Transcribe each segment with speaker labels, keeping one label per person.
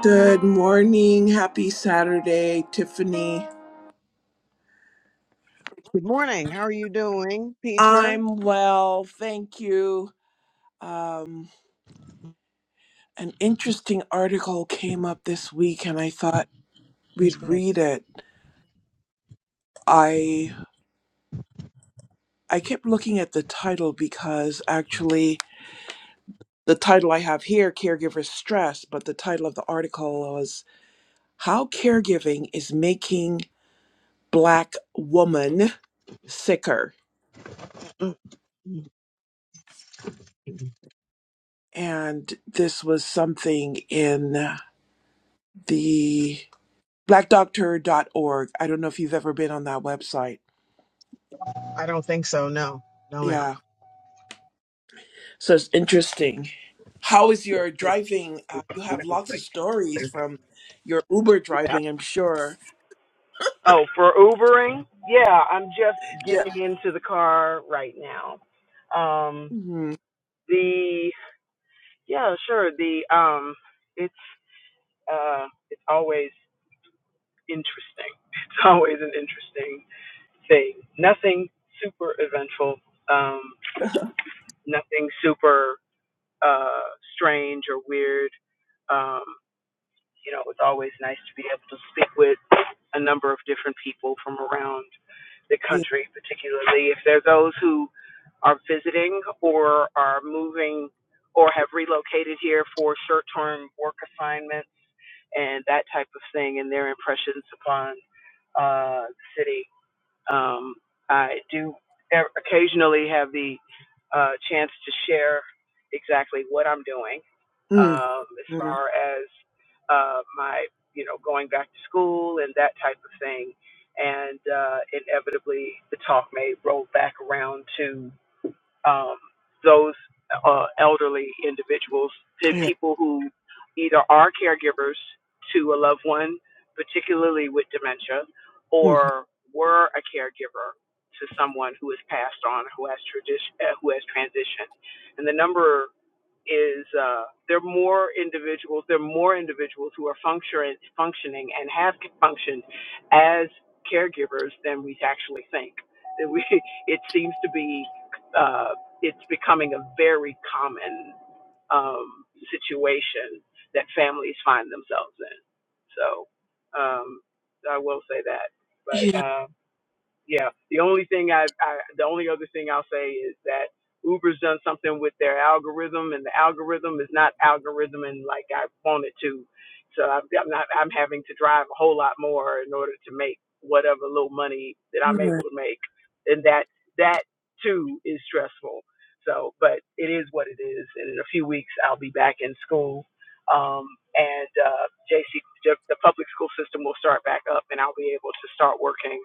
Speaker 1: Good morning. Happy Saturday, Tiffany.
Speaker 2: Good morning. How are you doing, Petra?
Speaker 1: I'm well. Thank you. Um, an interesting article came up this week and I thought
Speaker 2: It's
Speaker 1: we'd
Speaker 2: good.
Speaker 1: read it. I I kept looking at the title because actually the title I have here, Caregiver Stress, but the title of the article was How Caregiving is Making Black Woman Sicker.
Speaker 2: Mm, mm.
Speaker 1: And this was something in the black doctor dot org. I don't know if you've ever been on that website.
Speaker 2: I don't think so. No, no, ma'am.
Speaker 1: Yeah. So it's interesting. How is your driving? Uh, you have lots of stories from your Uber
Speaker 2: Yeah.
Speaker 1: driving, I'm sure.
Speaker 2: Oh, for Ubering? Yeah, I'm just
Speaker 1: Yeah.
Speaker 2: getting into the car right now. Um,
Speaker 1: hmm
Speaker 2: the yeah, sure. The um, it's uh, it's always interesting. It's always an interesting thing. Nothing super eventful. Um, nothing super uh strange or weird. Um. you know, it's always nice to be able to speak with a number of different people from around the
Speaker 1: Yeah.
Speaker 2: country, particularly if they are those who are visiting or are moving or have relocated here for short term work assignments and that type of thing and their impressions upon uh, the city. Um, I do e- occasionally have the uh, chance to share exactly what I'm doing
Speaker 1: Mm-hmm.
Speaker 2: um, as far as uh, my, you know, going back to school and that type of thing. And uh, inevitably, the talk may roll back around to um, those uh, elderly individuals, to
Speaker 1: Yeah.
Speaker 2: people who either are caregivers to a loved one, particularly with dementia,
Speaker 1: hmm
Speaker 2: or were a caregiver to someone who has passed on, who has tradi- uh, who has transitioned, and the number is uh, there are more individuals, there are more individuals who are functioning, functioning and have functioned as caregivers than we actually think. That We, it seems to be, uh, it's becoming a very common um, situation that families find themselves in. So um, I will say that. But.
Speaker 1: Yeah.
Speaker 2: uh, yeah, the only thing I, I the only other thing I'll say is that Uber's done something with their algorithm, and the algorithm is not algorithming like I want it to. So I'm, I'm not I'm having to drive a whole lot more in order to make whatever little money that I'm able
Speaker 1: Right.
Speaker 2: to make, and that that too is stressful. So, but it is what it is, and in a few weeks I'll be back in school. Um, and uh, JC, the public school system will start back up, and I'll be able to start working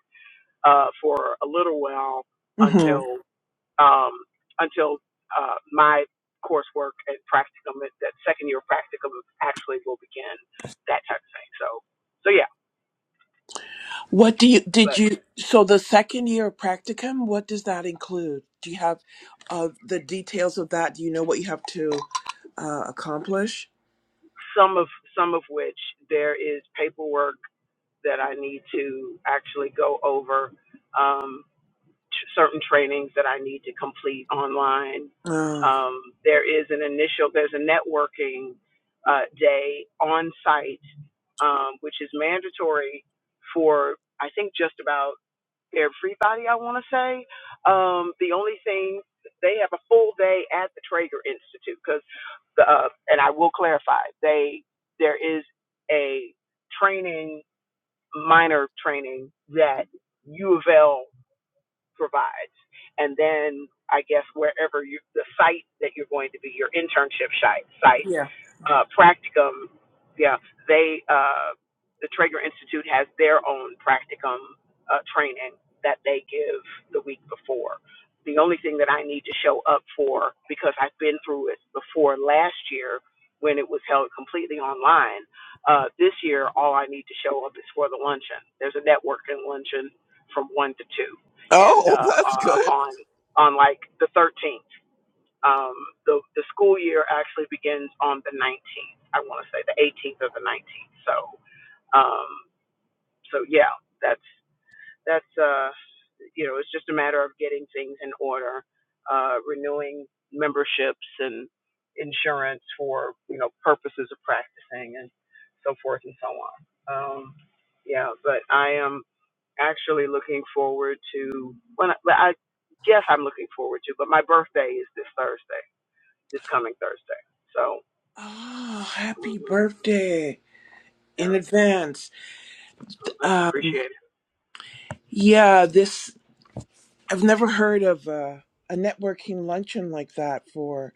Speaker 2: uh, for a little while
Speaker 1: Mm-hmm.
Speaker 2: until um, until uh, my coursework and practicum, that second year practicum actually will begin, that type of thing. So, so yeah,
Speaker 1: What do you did
Speaker 2: but
Speaker 1: you so the second year of practicum? What does that include? Do you have uh, the details of that? Do you know what you have to uh, accomplish?
Speaker 2: some of some of which there is paperwork that I need to actually go over. Um, t- certain trainings that I need to complete online.
Speaker 1: Uh,
Speaker 2: Um, there is an initial, there's a networking uh, day on site, um, which is mandatory for I think just about everybody. I want to say um, the only thing they have a full day at the Traeger Institute because the uh, and I will clarify they there is a training minor training that U of L provides. And then I guess wherever you, the site that you're going to be, your internship site, site
Speaker 1: yeah.
Speaker 2: uh, practicum, yeah, they, uh, the Traeger Institute has their own practicum uh, training that they give the week before. The only thing that I need to show up for, because I've been through it before last year when it was held completely online, uh, this year all I need to show up is for the luncheon. There's a networking luncheon from 1 to 2 and
Speaker 1: Oh,
Speaker 2: uh,
Speaker 1: that's
Speaker 2: uh,
Speaker 1: good.
Speaker 2: on on like the 13th. Um, the the school year actually begins on the 19th. I want to say the 18th or the 19th. So um, so yeah, that's that's uh, you know it's just a matter of getting things in order, uh, renewing memberships and insurance for you know purposes of practicing and so forth and so on. Um, yeah, but I am actually looking forward to when I, well, I guess I'm looking forward to, but my birthday is this Thursday, this coming Thursday. So
Speaker 1: Oh, happy
Speaker 2: hmm
Speaker 1: birthday in
Speaker 2: yeah,
Speaker 1: advance.
Speaker 2: so that's
Speaker 1: Um,
Speaker 2: appreciated.
Speaker 1: yeah, this I've never heard of a, a networking luncheon like that for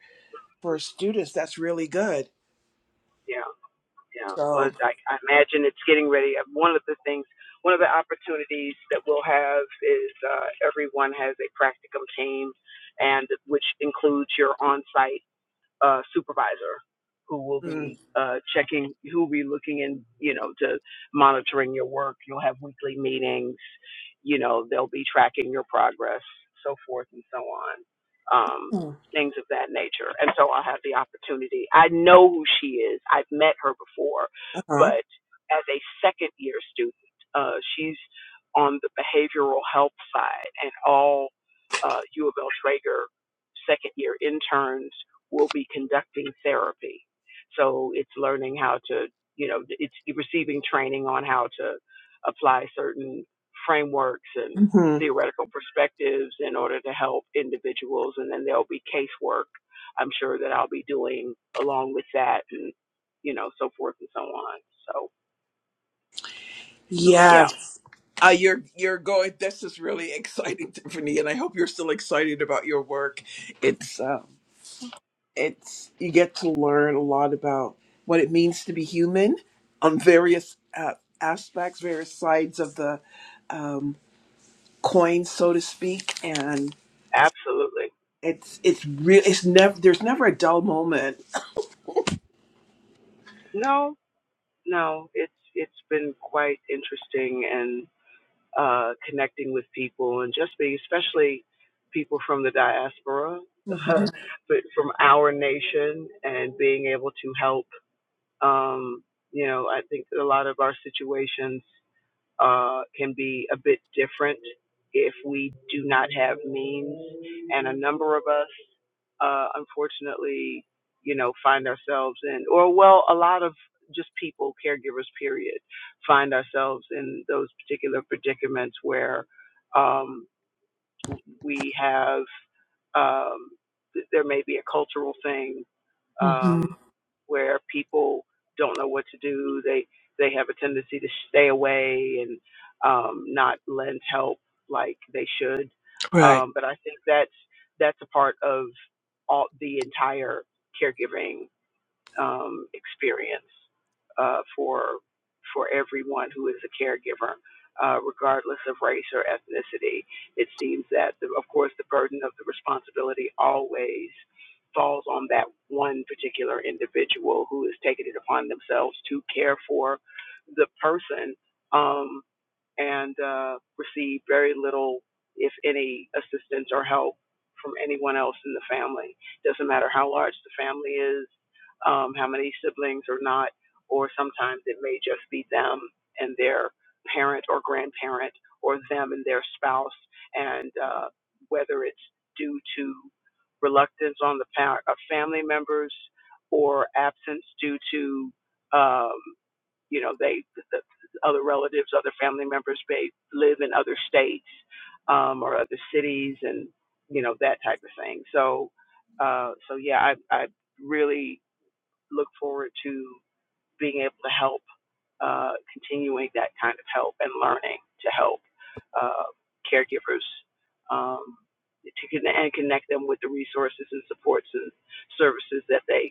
Speaker 1: for students. That's really good.
Speaker 2: Yeah, yeah. Well,
Speaker 1: So,
Speaker 2: it's, I, I imagine it's getting ready. Uh, One of the things, one of the opportunities that we'll have is uh, everyone has a practicum team, and which includes your on-site uh, supervisor who will
Speaker 1: mm,
Speaker 2: be uh, checking, who will be looking in, you know, to monitoring your work. You'll have weekly meetings. You know, they'll be tracking your progress, so forth and so on, um,
Speaker 1: mm,
Speaker 2: things of that nature. And so I'll have the opportunity. I know who she is. I've met her before,
Speaker 1: uh-huh.
Speaker 2: but as a second year student, uh, she's on the behavioral health side, and all uh, U of L Traeger second year interns will be conducting therapy. So it's learning how to, you know, it's receiving training on how to apply certain frameworks and
Speaker 1: hmm
Speaker 2: theoretical perspectives in order to help individuals. And then there'll be casework, I'm sure, that I'll be doing along with that and, you know, so forth and so on. So, so yeah,
Speaker 1: Yes. Uh, you're you're going. This is really exciting, Tiffany, and I hope you're still excited about your work. It's um, it's you get to learn a lot about what it means to be human on various uh, aspects, various sides of the um, coin, so to speak. And
Speaker 2: absolutely.
Speaker 1: it's it's real. It's never there's never a dull moment.
Speaker 2: No, no, it's, it's been quite interesting and. uh, connecting with people and just being, especially people from the diaspora,
Speaker 1: Mhm.
Speaker 2: but from our nation and being able to help. Um, you know, I think a lot of our situations uh, can be a bit different if we do not have means. And a number of us uh, unfortunately, you know, find ourselves in, or well, a lot of just people, caregivers, period, find ourselves in those particular predicaments where um, we have, um, there may be a cultural thing
Speaker 1: hmm
Speaker 2: um, where people don't know what to do. They they have a tendency to stay away and um, not lend help like they should.
Speaker 1: Right.
Speaker 2: Um, but I think that's that's a part of all the entire caregiving um, experience uh, for for everyone who is a caregiver, uh, regardless of race or ethnicity. It seems that, the, of course, the burden of the responsibility always falls on that one particular individual who has taken it upon themselves to care for the person. Um, and uh, received very little, if any, assistance or help from anyone else in the family. Doesn't matter how large the family is, um, how many siblings or not, or sometimes it may just be them and their parent or grandparent, or them and their spouse, and uh, whether it's due to reluctance on the part of family members or absence due to. Um, you know they the, other relatives other family members may live in other states um or other cities and you know that type of thing so uh so yeah i i really look forward to being able to help uh continuing that kind of help and learning to help uh caregivers um to connect and connect them with the resources and supports and services that they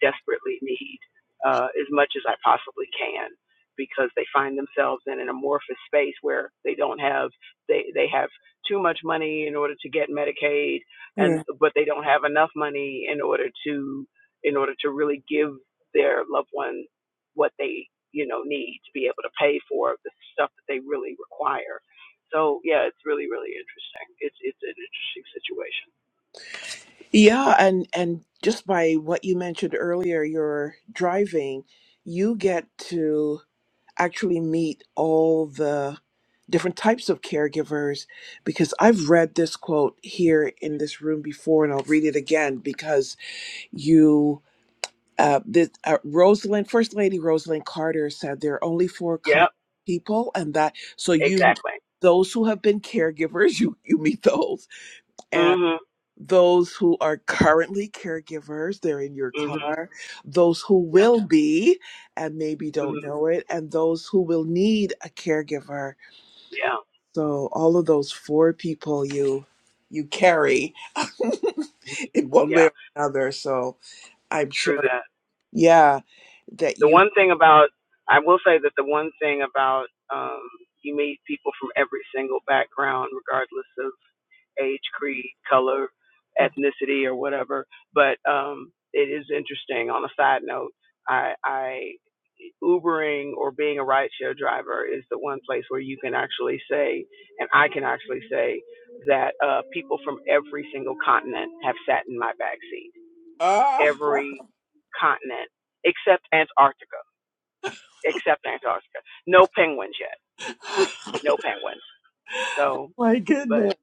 Speaker 2: desperately need uh, as much as I possibly can because they find themselves in an amorphous space where they don't have they they have too much money in order to get Medicaid and
Speaker 1: Yeah.
Speaker 2: but they don't have enough money in order to in order to really give their loved one what they you know need to be able to pay for the stuff that they really require. So yeah, it's really really interesting. It's it's an interesting situation.
Speaker 1: Yeah, and and just by what you mentioned earlier, your driving, you get to. actually meet all the different types of caregivers because I've read this quote here in this room before and I'll read it again because you uh, this, uh Rosalind First Lady Rosalind Carter said there are only four kinds
Speaker 2: Yeah.
Speaker 1: of people and that so you
Speaker 2: exactly.
Speaker 1: those who have been caregivers you you meet those
Speaker 2: Mhm.
Speaker 1: those who are currently caregivers, they're in your
Speaker 2: Mhm.
Speaker 1: car, those who
Speaker 2: Yeah.
Speaker 1: will be and maybe
Speaker 2: Mhm.
Speaker 1: don't know it, and those who will need a caregiver.
Speaker 2: Yeah,
Speaker 1: So all of those four people you you carry in one way
Speaker 2: yeah,
Speaker 1: or another. So I'm
Speaker 2: true
Speaker 1: sure
Speaker 2: that.
Speaker 1: yeah, that
Speaker 2: The
Speaker 1: you
Speaker 2: one thing about, I will say that the one thing about, um, you meet people from every single background, regardless of age, creed, color, ethnicity, or whatever. But um, it is interesting. On a side note, I, I Ubering or being a rideshare driver is the one place where you can actually say, and I can actually say, that uh, people from every single continent have sat in my backseat
Speaker 1: Ah
Speaker 2: every continent except Antarctica. Except Antarctica. No penguins yet. No penguins. So,
Speaker 1: my
Speaker 2: but
Speaker 1: goodness.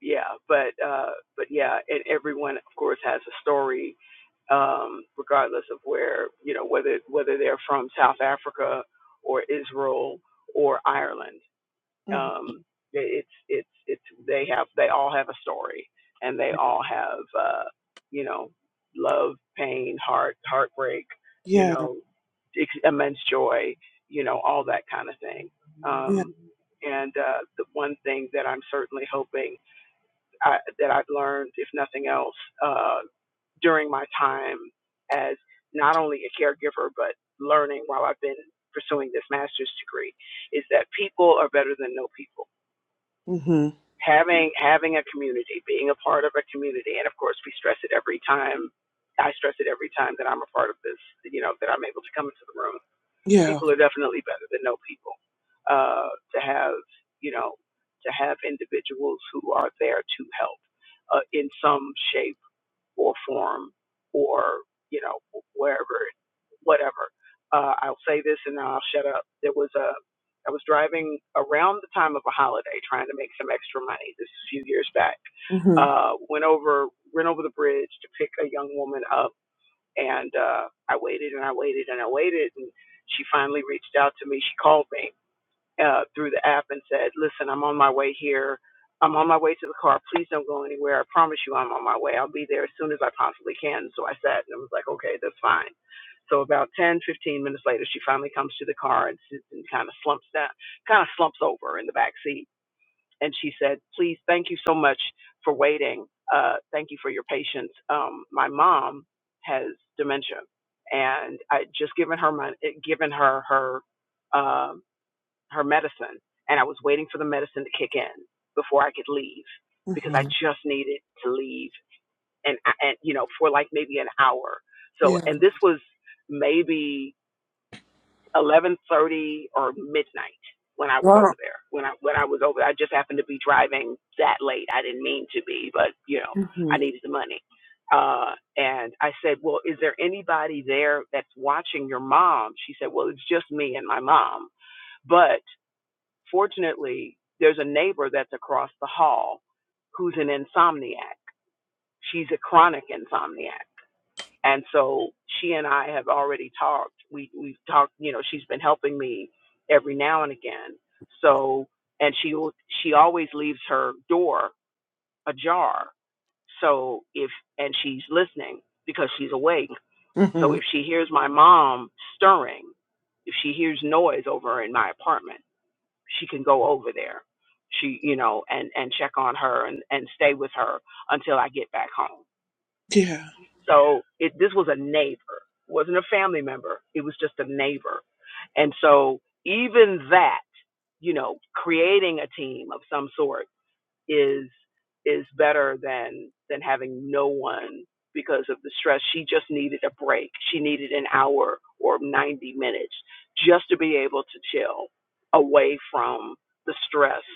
Speaker 2: yeah, but uh, but yeah, and everyone of course has a story, um, regardless of where you know whether whether they're from South Africa or Israel or Ireland.
Speaker 1: Mhm.
Speaker 2: um it's it's it's they have they all have a story and they all have uh you know love pain heart heartbreak you
Speaker 1: Yeah,
Speaker 2: know ex- immense joy you know all that kind of thing
Speaker 1: yeah.
Speaker 2: um and uh the one thing that i'm certainly hoping I, that i've learned if nothing else uh during my time as not only a caregiver but learning while i've been pursuing this master's degree is that people are better than no people
Speaker 1: Mm-hmm.
Speaker 2: having having a community, being a part of a community, and of course we stress it every time. I stress it every time that I'm a part of this, you know, that I'm able to come into the room.
Speaker 1: Yeah.
Speaker 2: People are definitely better than no people. Uh, to have, you know, to have individuals who are there to help uh, in some shape or forum or you know wherever whatever uh, i'll say this and then i'll shut up there was a i was driving around the time of a holiday trying to make some extra money this is a few years back
Speaker 1: Mm-hmm.
Speaker 2: uh, went over went over the bridge to pick a young woman up and uh, i waited and i waited and i waited and she finally reached out to me she called me uh, through the app and said, "Listen, I'm on my way here. I'm on my way to the car. Please don't go anywhere. I promise you, I'm on my way. I'll be there as soon as I possibly can." So I sat and I was like, "Okay, that's fine." So about 10, 15 minutes later, she finally comes to the car and sits and kind of slumps down, kind of slumps over in the back seat, and she said, "Please, thank you so much for waiting. Uh, thank you for your patience. Um, my mom has dementia, and I just given her my given her her." um her medicine and I was waiting for the medicine to kick in before I could leave because I
Speaker 1: Mm-hmm.
Speaker 2: just needed to leave and and you know for like maybe an hour. So
Speaker 1: Yeah.
Speaker 2: and this was maybe 11:30 or midnight when I was over
Speaker 1: Wow.
Speaker 2: there. When I when I was over I just happened to be driving that late. I didn't mean to be, but you know,
Speaker 1: Mm-hmm.
Speaker 2: I needed the money. Uh, and I said, Well, is there anybody there that's watching your mom? She said, Well, it's just me and my mom. But Fortunately, there's a neighbor that's across the hall who's an insomniac. She's a chronic insomniac. And so she and I have already talked. We we've talked, you know, she's been helping me every now and again. So and she will she always leaves her door ajar. So if and she's listening because she's awake. So
Speaker 1: Mm-hmm.
Speaker 2: if she hears my mom stirring, if she hears noise over in my apartment she can go over there she you know and and check on her and and stay with her until i get back home
Speaker 1: Yeah.
Speaker 2: so it this was a neighbor wasn't a family member it was just a neighbor and so even that you know creating a team of some sort is is better than than having no one because of the stress she just needed a break she needed an hour or 90 minutes just to be able to chill away from the stress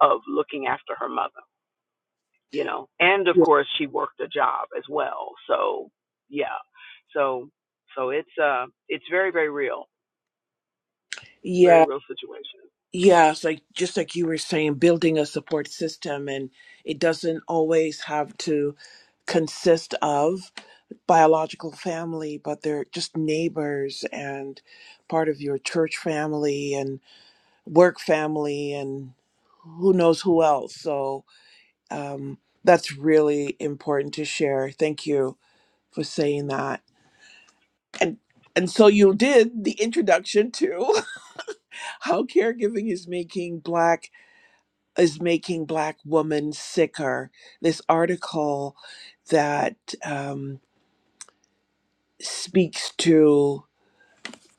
Speaker 2: of looking after her mother, you know. And of
Speaker 1: Yeah,
Speaker 2: course, she worked a job as well. So, yeah. So, so it's uh, it's very very real. It's a very
Speaker 1: yeah,
Speaker 2: real situation.
Speaker 1: yeah, it's like just like you were saying, building a support system, and it doesn't always have to consist of biological family, but they're just neighbors and part of your church family and work family and who knows who else. So um, that's really important to share. Thank you for saying
Speaker 2: Mm-hmm.
Speaker 1: that. And and so you did the introduction to how caregiving is making Black is making black women sicker. This article that um, speaks to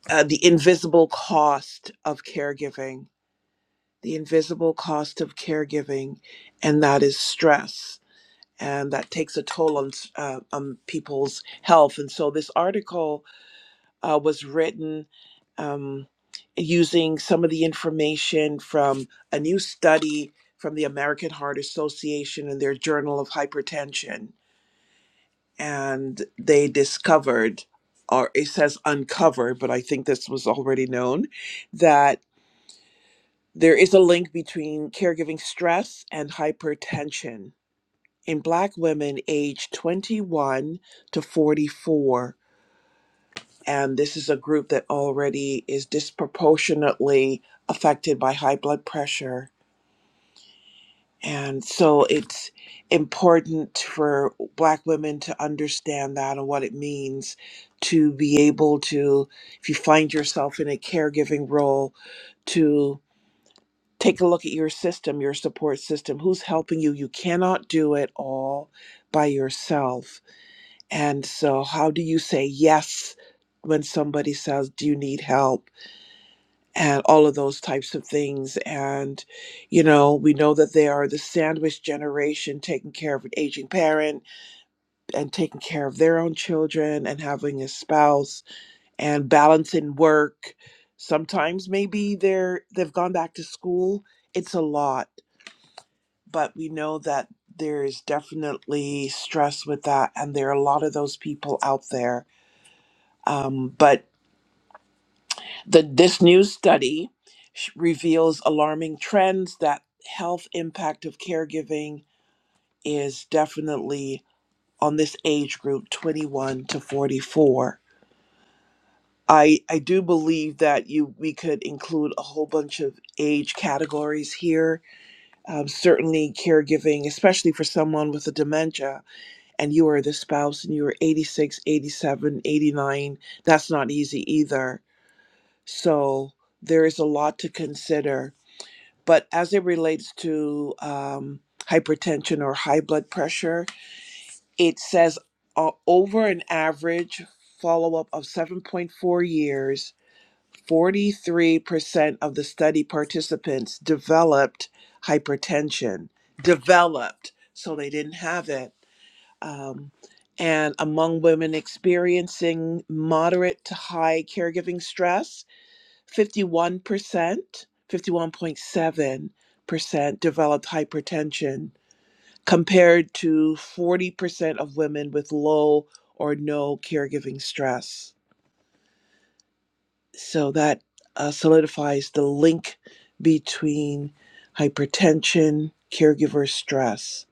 Speaker 1: uh, the invisible cost of caregiving, the invisible cost of caregiving, and that is stress. And that takes a toll on, s- uh, on people's health. And so this article uh, was written um, using some of the information from a new study from the American Heart Association and their Journal of Hypertension. And they discovered, or it says uncovered, but I think this was already known, that there is a link between caregiving stress and hypertension. In Black women aged 21 to 44, and this is a group that already is disproportionately affected by high blood pressure. And so it's important for Black women to understand that and what it means to be able to, if you find yourself in a caregiving role, to take a look at your system, your support system, who's helping you. You cannot do it all by yourself. And so, how do you say yes when somebody says, Do you need help? and all of those types of things. And, you know, we know that they are the sandwich generation taking care of an aging parent and taking care of their own children and having a spouse and balancing work. Sometimes maybe they're they've gone back to school. It's a lot, but we know that there is definitely stress with that and there are a lot of those people out there. Um, but The, this new study sh- reveals alarming trends that health impact of caregiving is definitely on this age group 21 to 44. I, I do believe that you we could include a whole bunch of age categories here. Um, certainly, caregiving, especially for someone with a dementia, and you are the spouse and you are 86, 87, 89. that's not easy either. So, there is a lot to consider But as it relates to um, hypertension or high blood pressure, it says uh, over an average follow up of 7.4 years, 43% of the study participants developed hypertension. Developed, so they didn't have it. Um, and among women experiencing moderate to high caregiving stress, 51%, 51.7% developed hypertension compared to 40% of women with low or no caregiving stress. So that uh, solidifies the link between hypertension, caregiver stress.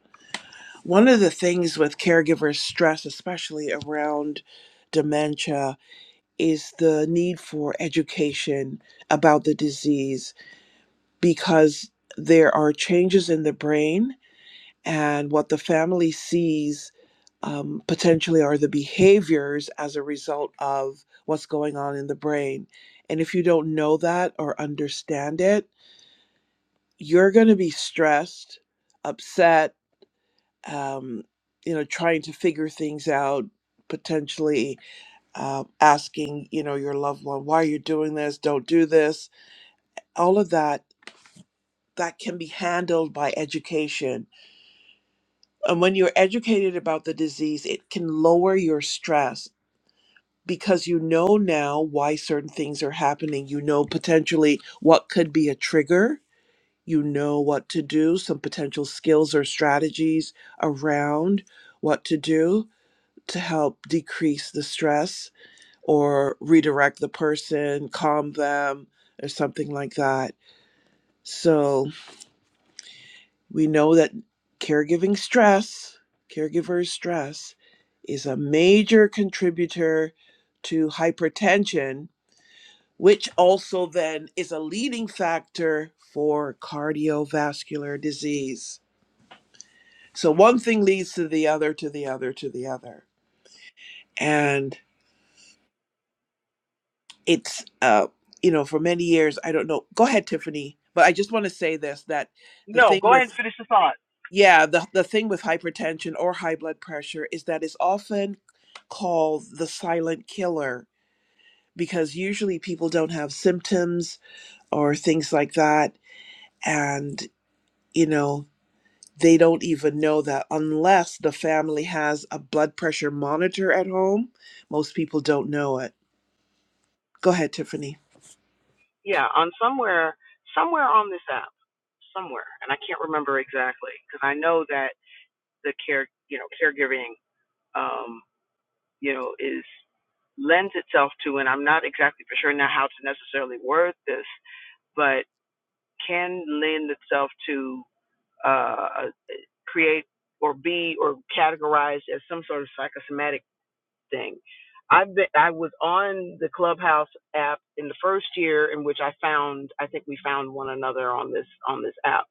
Speaker 1: One of the things with caregiver stress, especially around dementia, is the need for education about the disease because there are changes in the brain, and what the family sees um, potentially are the behaviors as a result of what's going on in the brain. And if you don't know that or understand it, you're going to be stressed, upset, um, you know, trying to figure things out, potentially uh, asking, you know, your loved one, why are you doing this? Don't do this. All of that, that can be handled by education And when you're educated about the disease, it can lower your stress because you know now why certain things are happening. You know potentially what could be a trigger. You know what to do, some potential skills or strategies around what to do to help decrease the stress or redirect the person, calm them, or something like that. So, We know that caregiving stress, caregiver stress, is a major contributor to hypertension, which also then is a leading factor for cardiovascular disease. So one thing leads to the other, to the other, to the other. And it's, uh, you know, for many years, I don't know. Go ahead, Tiffany. But I just want to say this that the
Speaker 2: No,
Speaker 1: thing
Speaker 2: go ahead
Speaker 1: with
Speaker 2: and finish the thought.
Speaker 1: Yeah, the the thing with hypertension or high blood pressure is that it's often called the silent killer because usually people don't have symptoms or things like that and you know they don't even know that unless the family has a blood pressure monitor at home most people don't know it go ahead tiffany
Speaker 2: Yeah, on somewhere somewhere on this app, somewhere, and I can't remember exactly because I know that the care you know caregiving um you know is lends itself to, and I'm not exactly for sure now how to necessarily word this, but can lend itself to uh, create or be or categorized as some sort of psychosomatic thing. I've been, I was on the Clubhouse app in the first year in which I found I think we found one another on this on this app,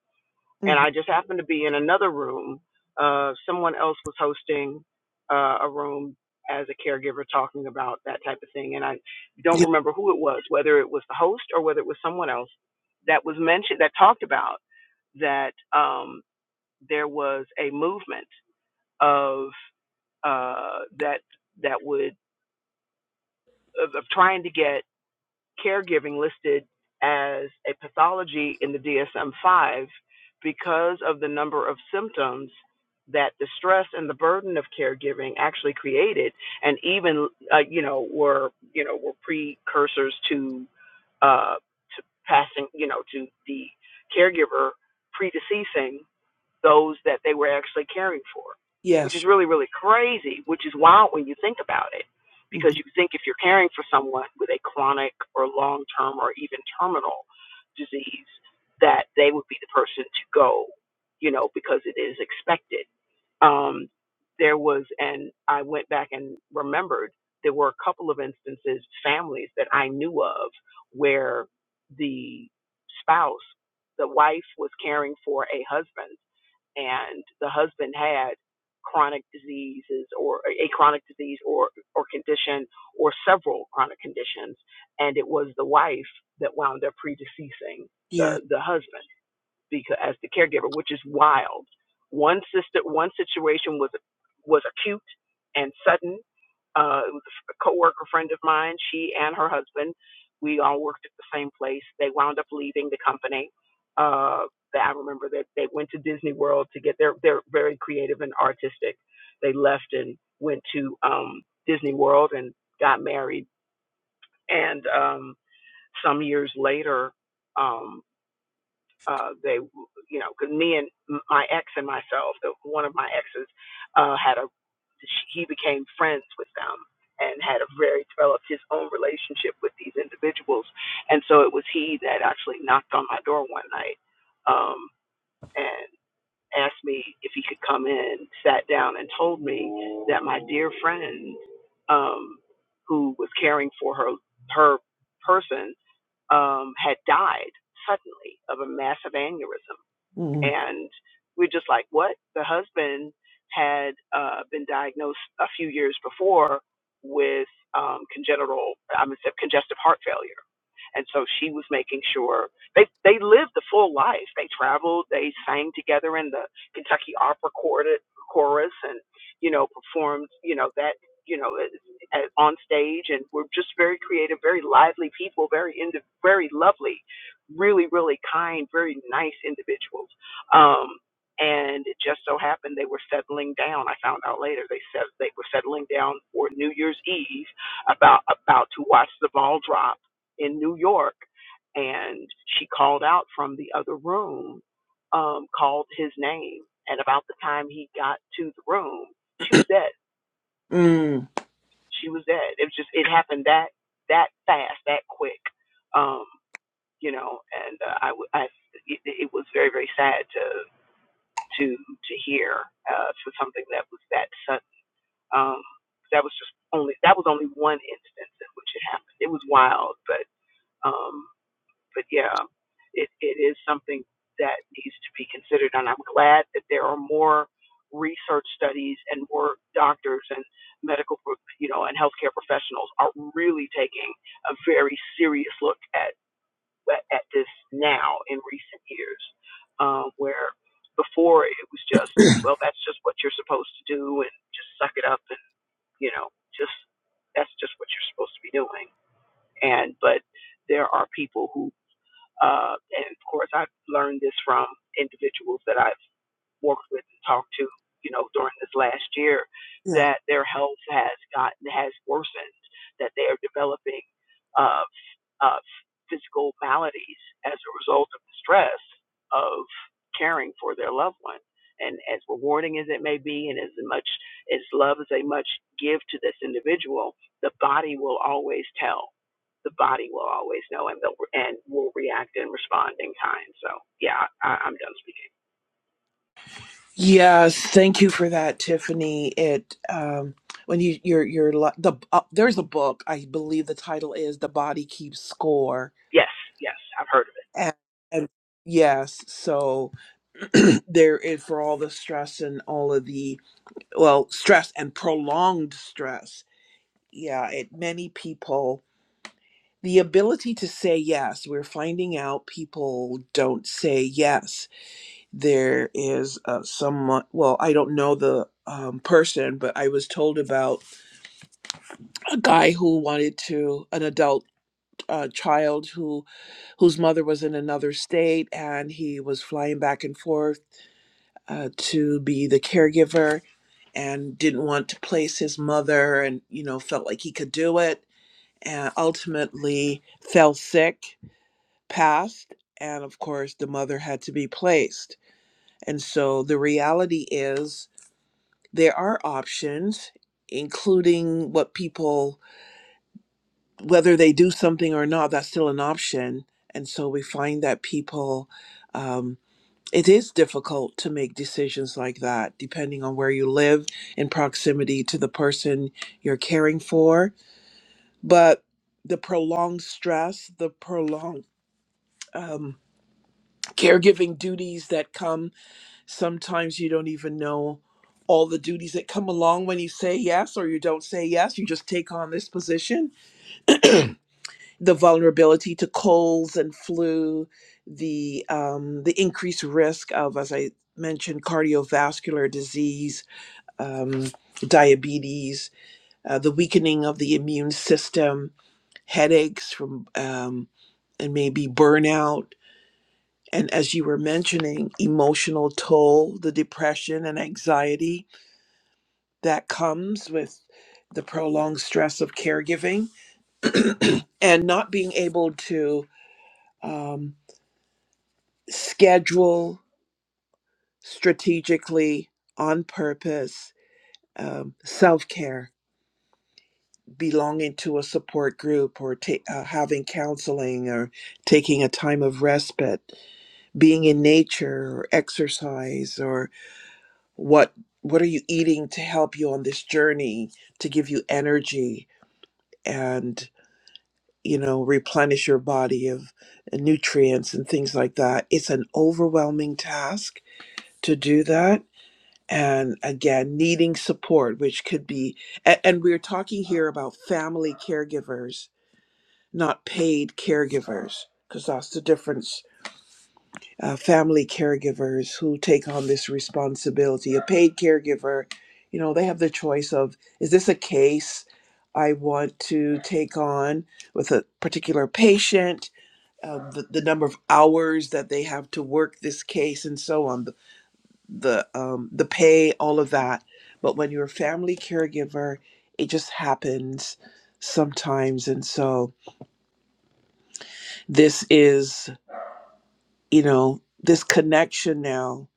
Speaker 2: and
Speaker 1: Mhm.
Speaker 2: I just happened to be in another room. Uh, someone else was hosting uh, a room as a caregiver talking about that type of thing, and I don't
Speaker 1: Ye-
Speaker 2: remember who it was, whether it was the host or whether it was someone else that was mentioned that talked about that. Um, there was a movement of uh, that that would of, of trying to get caregiving listed as a pathology in the DSM-5 because of the number of symptoms that the stress and the burden of caregiving actually created, and even uh, you know were you know were precursors to uh, to passing you know to the caregiver predeceasing those that they were actually caring for, which is
Speaker 1: Yes.
Speaker 2: really, really crazy, which is wild when you think about it. Because
Speaker 1: Mhm.
Speaker 2: you think if you're caring for someone with a chronic or long term or even terminal disease, that they would be the person to go, you know, because it is expected. Um, there was, and I went back and remembered there were a couple of instances, families that I knew of, where the spouse, the wife, was caring for a husband, and the husband had chronic diseases or a chronic disease or or condition or several chronic conditions and it was the wife that wound up predeceasing the
Speaker 1: Yeah.
Speaker 2: the husband because as the caregiver, which is wild. One sister, one situation was was acute and sudden. Uh, it was a coworker friend of mine. She and her husband, we all worked at the same place. They wound up leaving the company. Uh, I remember that they went to Disney World to get. They're they're very creative and artistic. They left and went to um, Disney World and got married. And um, some years later. um, uh, they, you know, because me and my ex and myself, the, one of my exes, uh, had a, he became friends with them and had a very developed his own relationship with these individuals, and so it was he that actually knocked on my door one night, um, and asked me if he could come in, sat down, and told me that my dear friend, um, who was caring for her her person, um, had died suddenly of a massive aneurysm,
Speaker 1: Mm.
Speaker 2: and we're just like, what? The husband had uh, been diagnosed a few years before with um, congenital, I'm gonna say congestive heart failure and so she was making sure they they lived the full life. They traveled, they sang together in the Kentucky Opera Chorus, and you know performed you know that you know on stage, and were just very creative, very lively people, very indi- very lovely, really really kind, very nice individuals. Um, and it just so happened they were settling down. I found out later they said they were settling down for New Year's Eve, about about to watch the ball drop in New York, and she called out from the other room, um, called his name, and about the time he got to the room, she was dead.
Speaker 1: Mm.
Speaker 2: She was dead. It was just it happened that that fast, that quick, um, you know. And uh, I, I, it, it was very very sad to to to hear uh, for something that was that sudden. Um, that was just only that was only one instance in which it happened. It was wild, but. um, but yeah, it, it is something that needs to be considered. And I'm glad that there are more research studies and more doctors and medical, you know, and healthcare professionals are really taking a very serious look at at this now in recent years, um, where before it was just, well, that's just what you're supposed to do and just suck it up and you know, just that's just what you're supposed to be doing. And but there are people who uh, and of course, I've learned this from individuals that I've worked with and talked to, you know, during this last year,
Speaker 1: Yeah.
Speaker 2: that their health has gotten has worsened, that they are developing uh, uh, physical maladies as a result of the stress of caring for their loved one. And as rewarding as it may be, and as much as love as they much give to this individual, the body will always tell. The body will always know, and they'll and will react and respond in kind. So, yeah, I, I'm done speaking.
Speaker 1: Yes. Thank you for that, Tiffany. It um when you you're you're li- the uh, there's a book I believe the title is The Body Keeps Score
Speaker 2: Yes, yes, I've heard of it.
Speaker 1: and and yes so there is for all the stress and all of the well stress and prolonged stress yeah it many people the ability to say yes we're finding out people don't say yes there is uh, someone well i don't know the um, person but i was told about a guy who wanted to an adult uh, child who whose mother was in another state and he was flying back and forth uh, to be the caregiver and didn't want to place his mother and you know felt like he could do it and ultimately fell sick passed and of course the mother had to be placed and so the reality is there are options including what people whether they do something or not that's still an option and so we find that people um, it is difficult to make decisions like that depending on where you live in proximity to the person you're caring for but the prolonged stress the prolonged um, caregiving duties that come sometimes you don't even know all the duties that come along when you say yes or you don't say yes you just take on this position the vulnerability to colds and flu the um, the increased risk of as i mentioned cardiovascular disease um, diabetes, uh, the weakening of the immune system, headaches from um, and maybe burnout, and as you were mentioning, emotional toll, the depression and anxiety that comes with the prolonged stress of caregiving, and not being able to um, schedule strategically on purpose um, self care belonging to a support group or ta- uh, having counseling or taking a time of respite being in nature or exercise or what what are you eating to help you on this journey to give you energy and you know replenish your body of nutrients and things like that it's an overwhelming task to do that and again needing support which could be a- and we're talking here about family caregivers not paid caregivers, because that's the difference. Uh, family caregivers who take on this responsibility. A paid caregiver, you know, they have the choice of is this a case I want to take on with a particular patient, um, the, the number of hours that they have to work this case, and so on, the the, um, the pay, all of that. But when you're a family caregiver, it just happens sometimes, and so this is you know this connection now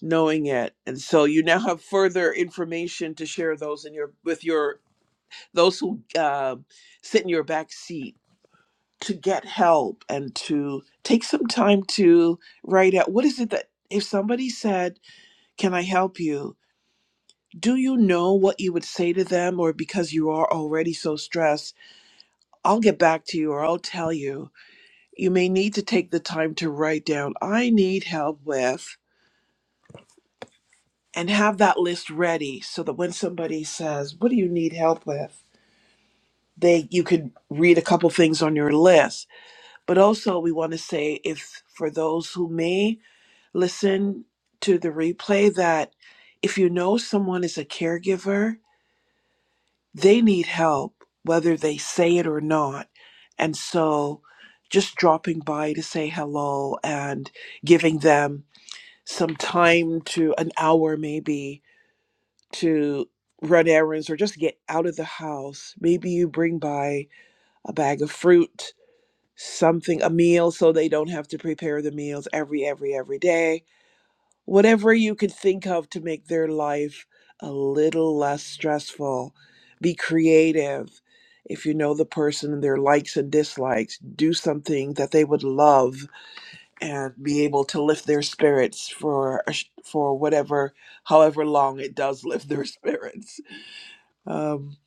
Speaker 1: knowing it and so you now have further information to share those in your with your those who uh, sit in your back seat to get help and to take some time to write out what is it that if somebody said can i help you do you know what you would say to them or because you are already so stressed i'll get back to you or i'll tell you you may need to take the time to write down i need help with and have that list ready so that when somebody says, "What do you need help with?" they you can read a couple things on your list. But also we want to say if for those who may listen to the replay that if you know someone is a caregiver, they need help whether they say it or not. And so just dropping by to say hello and giving them some time to an hour maybe to run errands or just to get out of the house. Maybe you bring by a bag of fruit, something, a meal, so they don't have to prepare the meals every, every, every day. Whatever you could think of to make their life a little less stressful. Be creative. If you know the person, their likes and dislikes, do something that they would love and be able to lift their spirits for a sh- for whatever, however long it does lift their spirits um,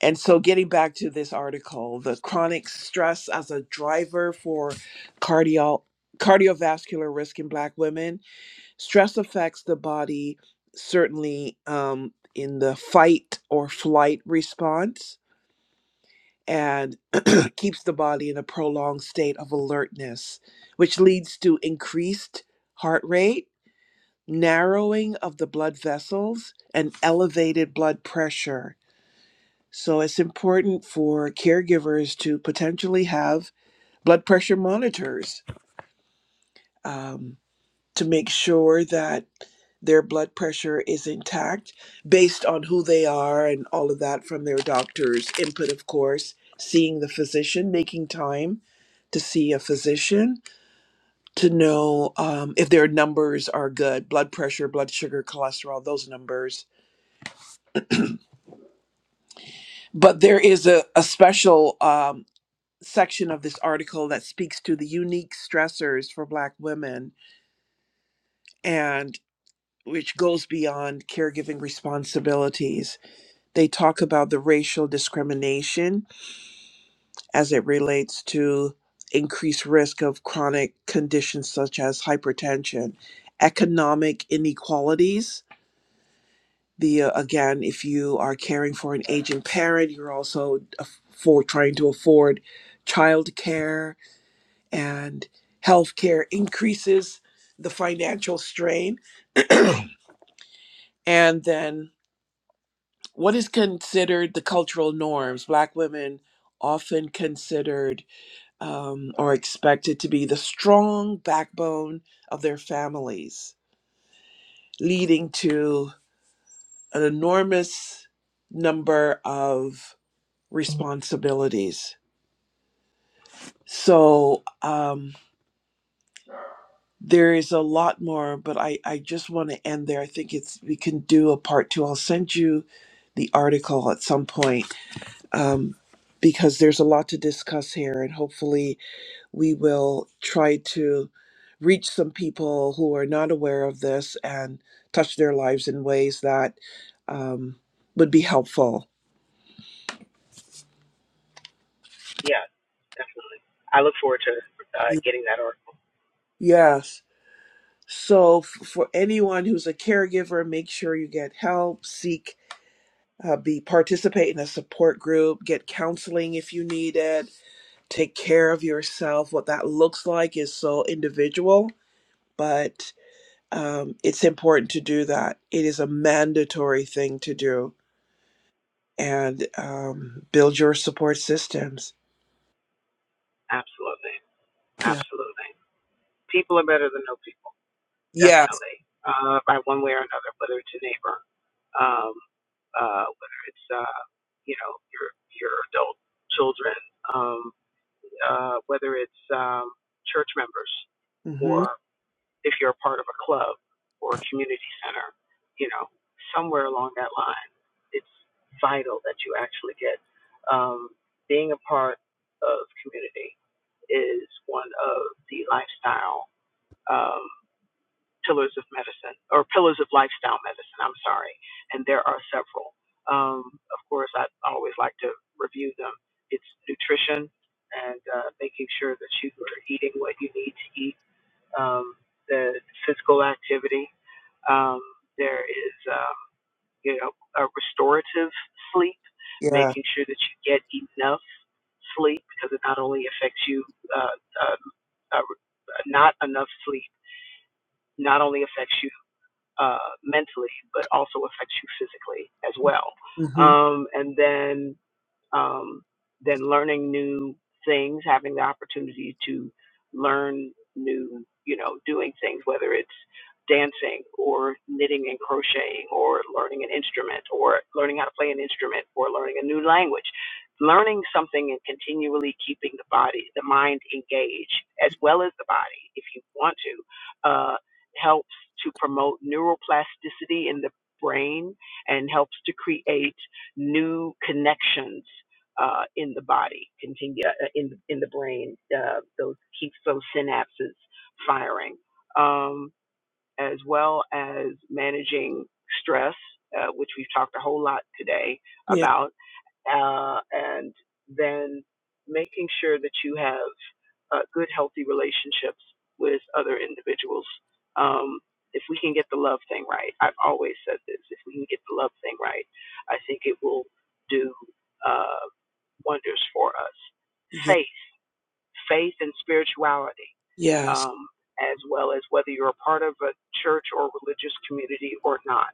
Speaker 1: and so, getting back to this article, the chronic stress as a driver for cardio cardiovascular risk in Black women, stress affects the body certainly um, in the fight or flight response and keeps the body in a prolonged state of alertness, which leads to increased heart rate, narrowing of the blood vessels, and elevated blood pressure So it's important for caregivers to potentially have blood pressure monitors um, to make sure that their blood pressure is intact based on who they are and all of that from their doctor's input, of course, seeing the physician, making time to see a physician to know um, if their numbers are good blood pressure, blood sugar, cholesterol, those numbers. But there is a, a special um, section of this article that speaks to the unique stressors for Black women and which goes beyond caregiving responsibilities. They talk about the racial discrimination as it relates to increased risk of chronic conditions such as hypertension, economic inequalities. The uh, again, if you are caring for an aging parent, you're also aff- for trying to afford childcare and healthcare increases the financial strain. and then what is considered the cultural norms? Black women often considered um, or expected to be the strong backbone of their families, leading to an enormous number of responsibilities. So, um, there is a lot more, but I, I just want to end there. I think it's we can do a part two. I'll send you the article at some point um, because there's a lot to discuss here, and hopefully we will try to reach some people who are not aware of this and touch their lives in ways that um, would be helpful.
Speaker 2: Yeah, definitely. I look forward to uh,
Speaker 1: Y-
Speaker 2: getting that article.
Speaker 1: Yes. So f- for anyone who's a caregiver, make sure you get help. Seek uh, be participate in a support group get counseling if you need it take care of yourself what that looks like is so individual but um, it's important to do that it is a mandatory thing to do and um, build your support systems
Speaker 2: Absolutely,
Speaker 1: yeah
Speaker 2: absolutely. People are better than no people,
Speaker 1: yes
Speaker 2: definitely, uh, by one way or another, whether it's a neighbor, um, uh, whether it's uh, you know your your adult children, um, uh, whether it's um, church members
Speaker 1: mm-hmm.
Speaker 2: or. if you're a part of a club or a community center, you know, somewhere along that line, it's vital that you actually get. Um, being a part of community is one of the lifestyle um, pillars of medicine or pillars of lifestyle medicine. I'm sorry, and there are several. Um, of course, I always like to review them. It's nutrition and uh, making sure that you are eating what you need to eat um, the physical activity. Um, there is, um, you know, a restorative sleep,
Speaker 1: yeah
Speaker 2: making sure that you get enough sleep because it not only affects you, uh, um, uh, not enough sleep not only affects you uh, mentally, but also affects you physically as well.
Speaker 1: mm-hmm.
Speaker 2: Um, and then um, then learning new things, having the opportunity to learn new, you know, doing things, whether it's dancing or knitting and crocheting or learning an instrument or learning how to play an instrument or learning a new language. Learning something and continually keeping the body, the mind engaged, as well as the body, if you want to, uh, helps to promote neuroplasticity in the brain and helps to create new connections uh, in the body, continue uh, in in the brain. Uh, those keeps those synapses firing, um, as well as managing stress, uh, which we've talked a whole lot today
Speaker 1: yeah
Speaker 2: about, uh, and then making sure that you have uh, good, healthy relationships with other individuals. Um, if we can get the love thing right, I've always said this. If we can get the love thing right, I think it will do. Uh, wonders for us.
Speaker 1: yeah
Speaker 2: Faith, faith and spirituality,
Speaker 1: yes
Speaker 2: um, as well as whether you're a part of a church or religious community or not.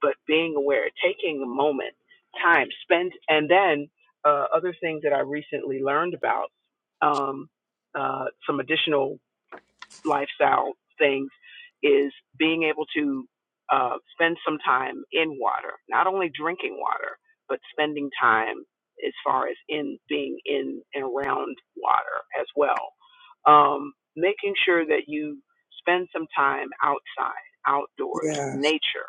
Speaker 2: But being aware, taking a moment, time, spent, and then uh, other things that I recently learned about, um, uh, some additional lifestyle things is being able to uh, spend some time in water, not only drinking water, but spending time as far as in being in and around water as well. Um, making sure that you spend some time outside, outdoors,
Speaker 1: yes
Speaker 2: nature,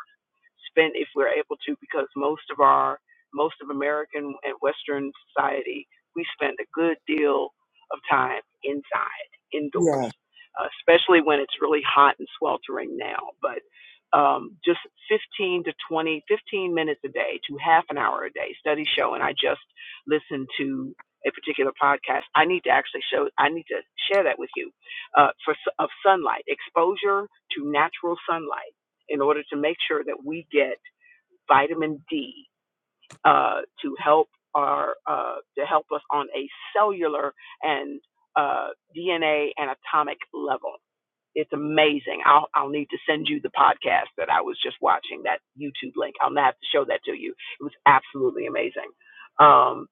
Speaker 2: spent if we're able to, because most of our most of American and Western society, we spend a good deal of time inside, indoors,
Speaker 1: yeah
Speaker 2: uh, especially when it's really hot and sweltering now. But um, just 15 to 20, 15 minutes a day to half an hour a day. Studies show, and I just listened to a particular podcast. I need to actually show, I need to share that with you uh, for s- of sunlight exposure to natural sunlight in order to make sure that we get vitamin D uh, to help our uh, to help us on a cellular and uh, DNA and atomic level. It's amazing. I'll I'll need to send you the podcast that I was just watching, that YouTube link. I'll have to show that to you. It was absolutely amazing. Um,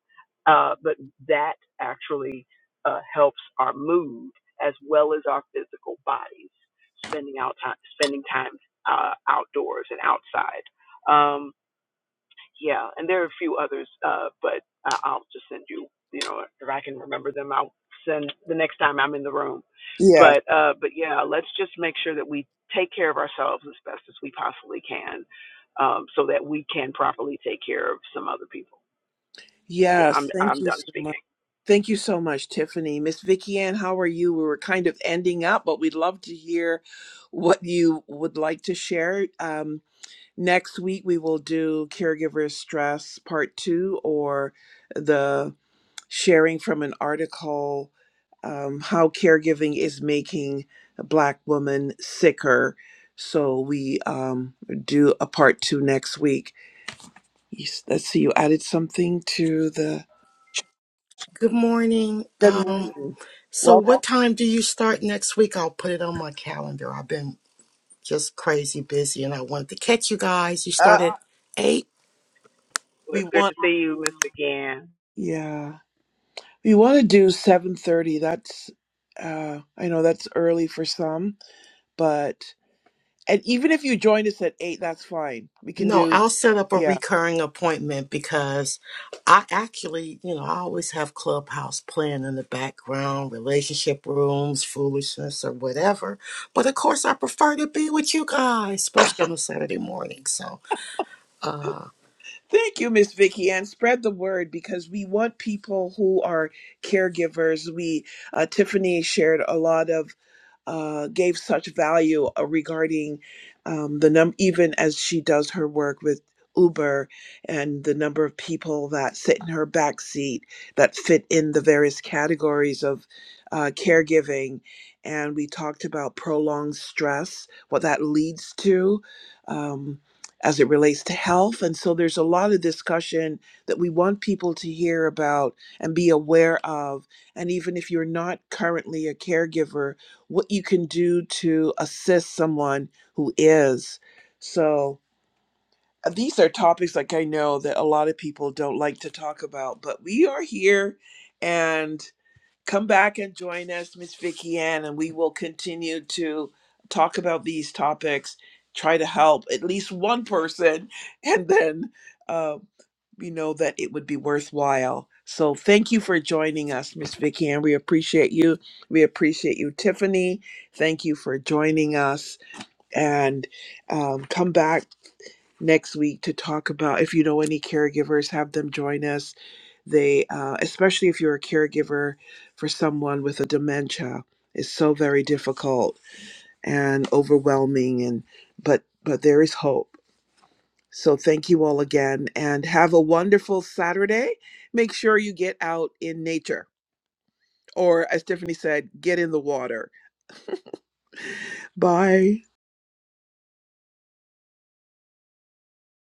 Speaker 2: uh, but that actually uh, helps our mood as well as our physical bodies. Spending out time, spending time uh, outdoors and outside. Um, yeah, and there are a few others, uh, but I- I'll just send you, you know, if I can remember them, I'll send the next time I'm in the room.
Speaker 1: yeah
Speaker 2: But uh, but yeah, let's just make sure that we take care of ourselves as best as we possibly can, um, so that we can properly take care of some other people. Yeah, I'm
Speaker 1: yes thank
Speaker 2: I'm
Speaker 1: you
Speaker 2: done
Speaker 1: so much
Speaker 2: speaking.
Speaker 1: Thank you so much, Tiffany. Miss Vicky Ann, how are you? We were kind of ending up, but we'd love to hear what you would like to share. Um, next week, we will do Caregiver Stress Part 2 or the sharing from an article um, How Caregiving is Making Black Women Sicker. So we um, do a part 2 next week. Yes, Let's see, you added something to the.
Speaker 3: Good morning.
Speaker 1: Good
Speaker 3: Um,
Speaker 1: morning.
Speaker 3: so
Speaker 1: Welcome.
Speaker 3: what time do you start next week? I'll put it on my calendar. I've been just crazy busy and I wanted to catch you guys. You start at eight?
Speaker 2: Well,
Speaker 1: We
Speaker 2: it's good
Speaker 1: want
Speaker 2: to see you, Miss McGann.
Speaker 1: Yeah. We want to do 7:30. That's uh I know that's early for some, but and even if you join us at 8, that's fine. We can
Speaker 3: No,
Speaker 1: do
Speaker 3: I'll set up a
Speaker 1: yeah.
Speaker 3: recurring appointment because I actually, you know, I always have Clubhouse playing in the background, relationship rooms, foolishness or whatever. But of course I prefer to be with you guys, especially on a Saturday morning. So uh,
Speaker 1: Thank you, Miss Vicky, and spread the word because we want people who are caregivers. We uh, Tiffany shared a lot of uh, gave such value uh, regarding um, the num even as she does her work with Uber and the number of people that sit in her back seat that fit in the various categories of uh, caregiving. And we talked about prolonged stress, what that leads to um, as it relates to health. And so there's a lot of discussion that we want people to hear about and be aware of. And even if you're not currently a caregiver, what you can do to assist someone who is. So, uh, these are topics like I know that a lot of people don't like to talk about, but we are here and come back and join us, Miss Vicky Ann, and we will continue to talk about these topics, try to help at least one person, and then. uh, you know that it would be worthwhile. So thank you for joining us, Miss Vicky, and we appreciate you. We appreciate you, Tiffany. Thank you for joining us, and um, come back next week to talk about if you know any caregivers, have them join us. They, uh, especially if you're a caregiver for someone with a dementia, is so very difficult and overwhelming, and but but there is hope so thank you all again and have a wonderful Saturday. Make sure you get out in nature or, as Tiffany said, get in the water. Bye.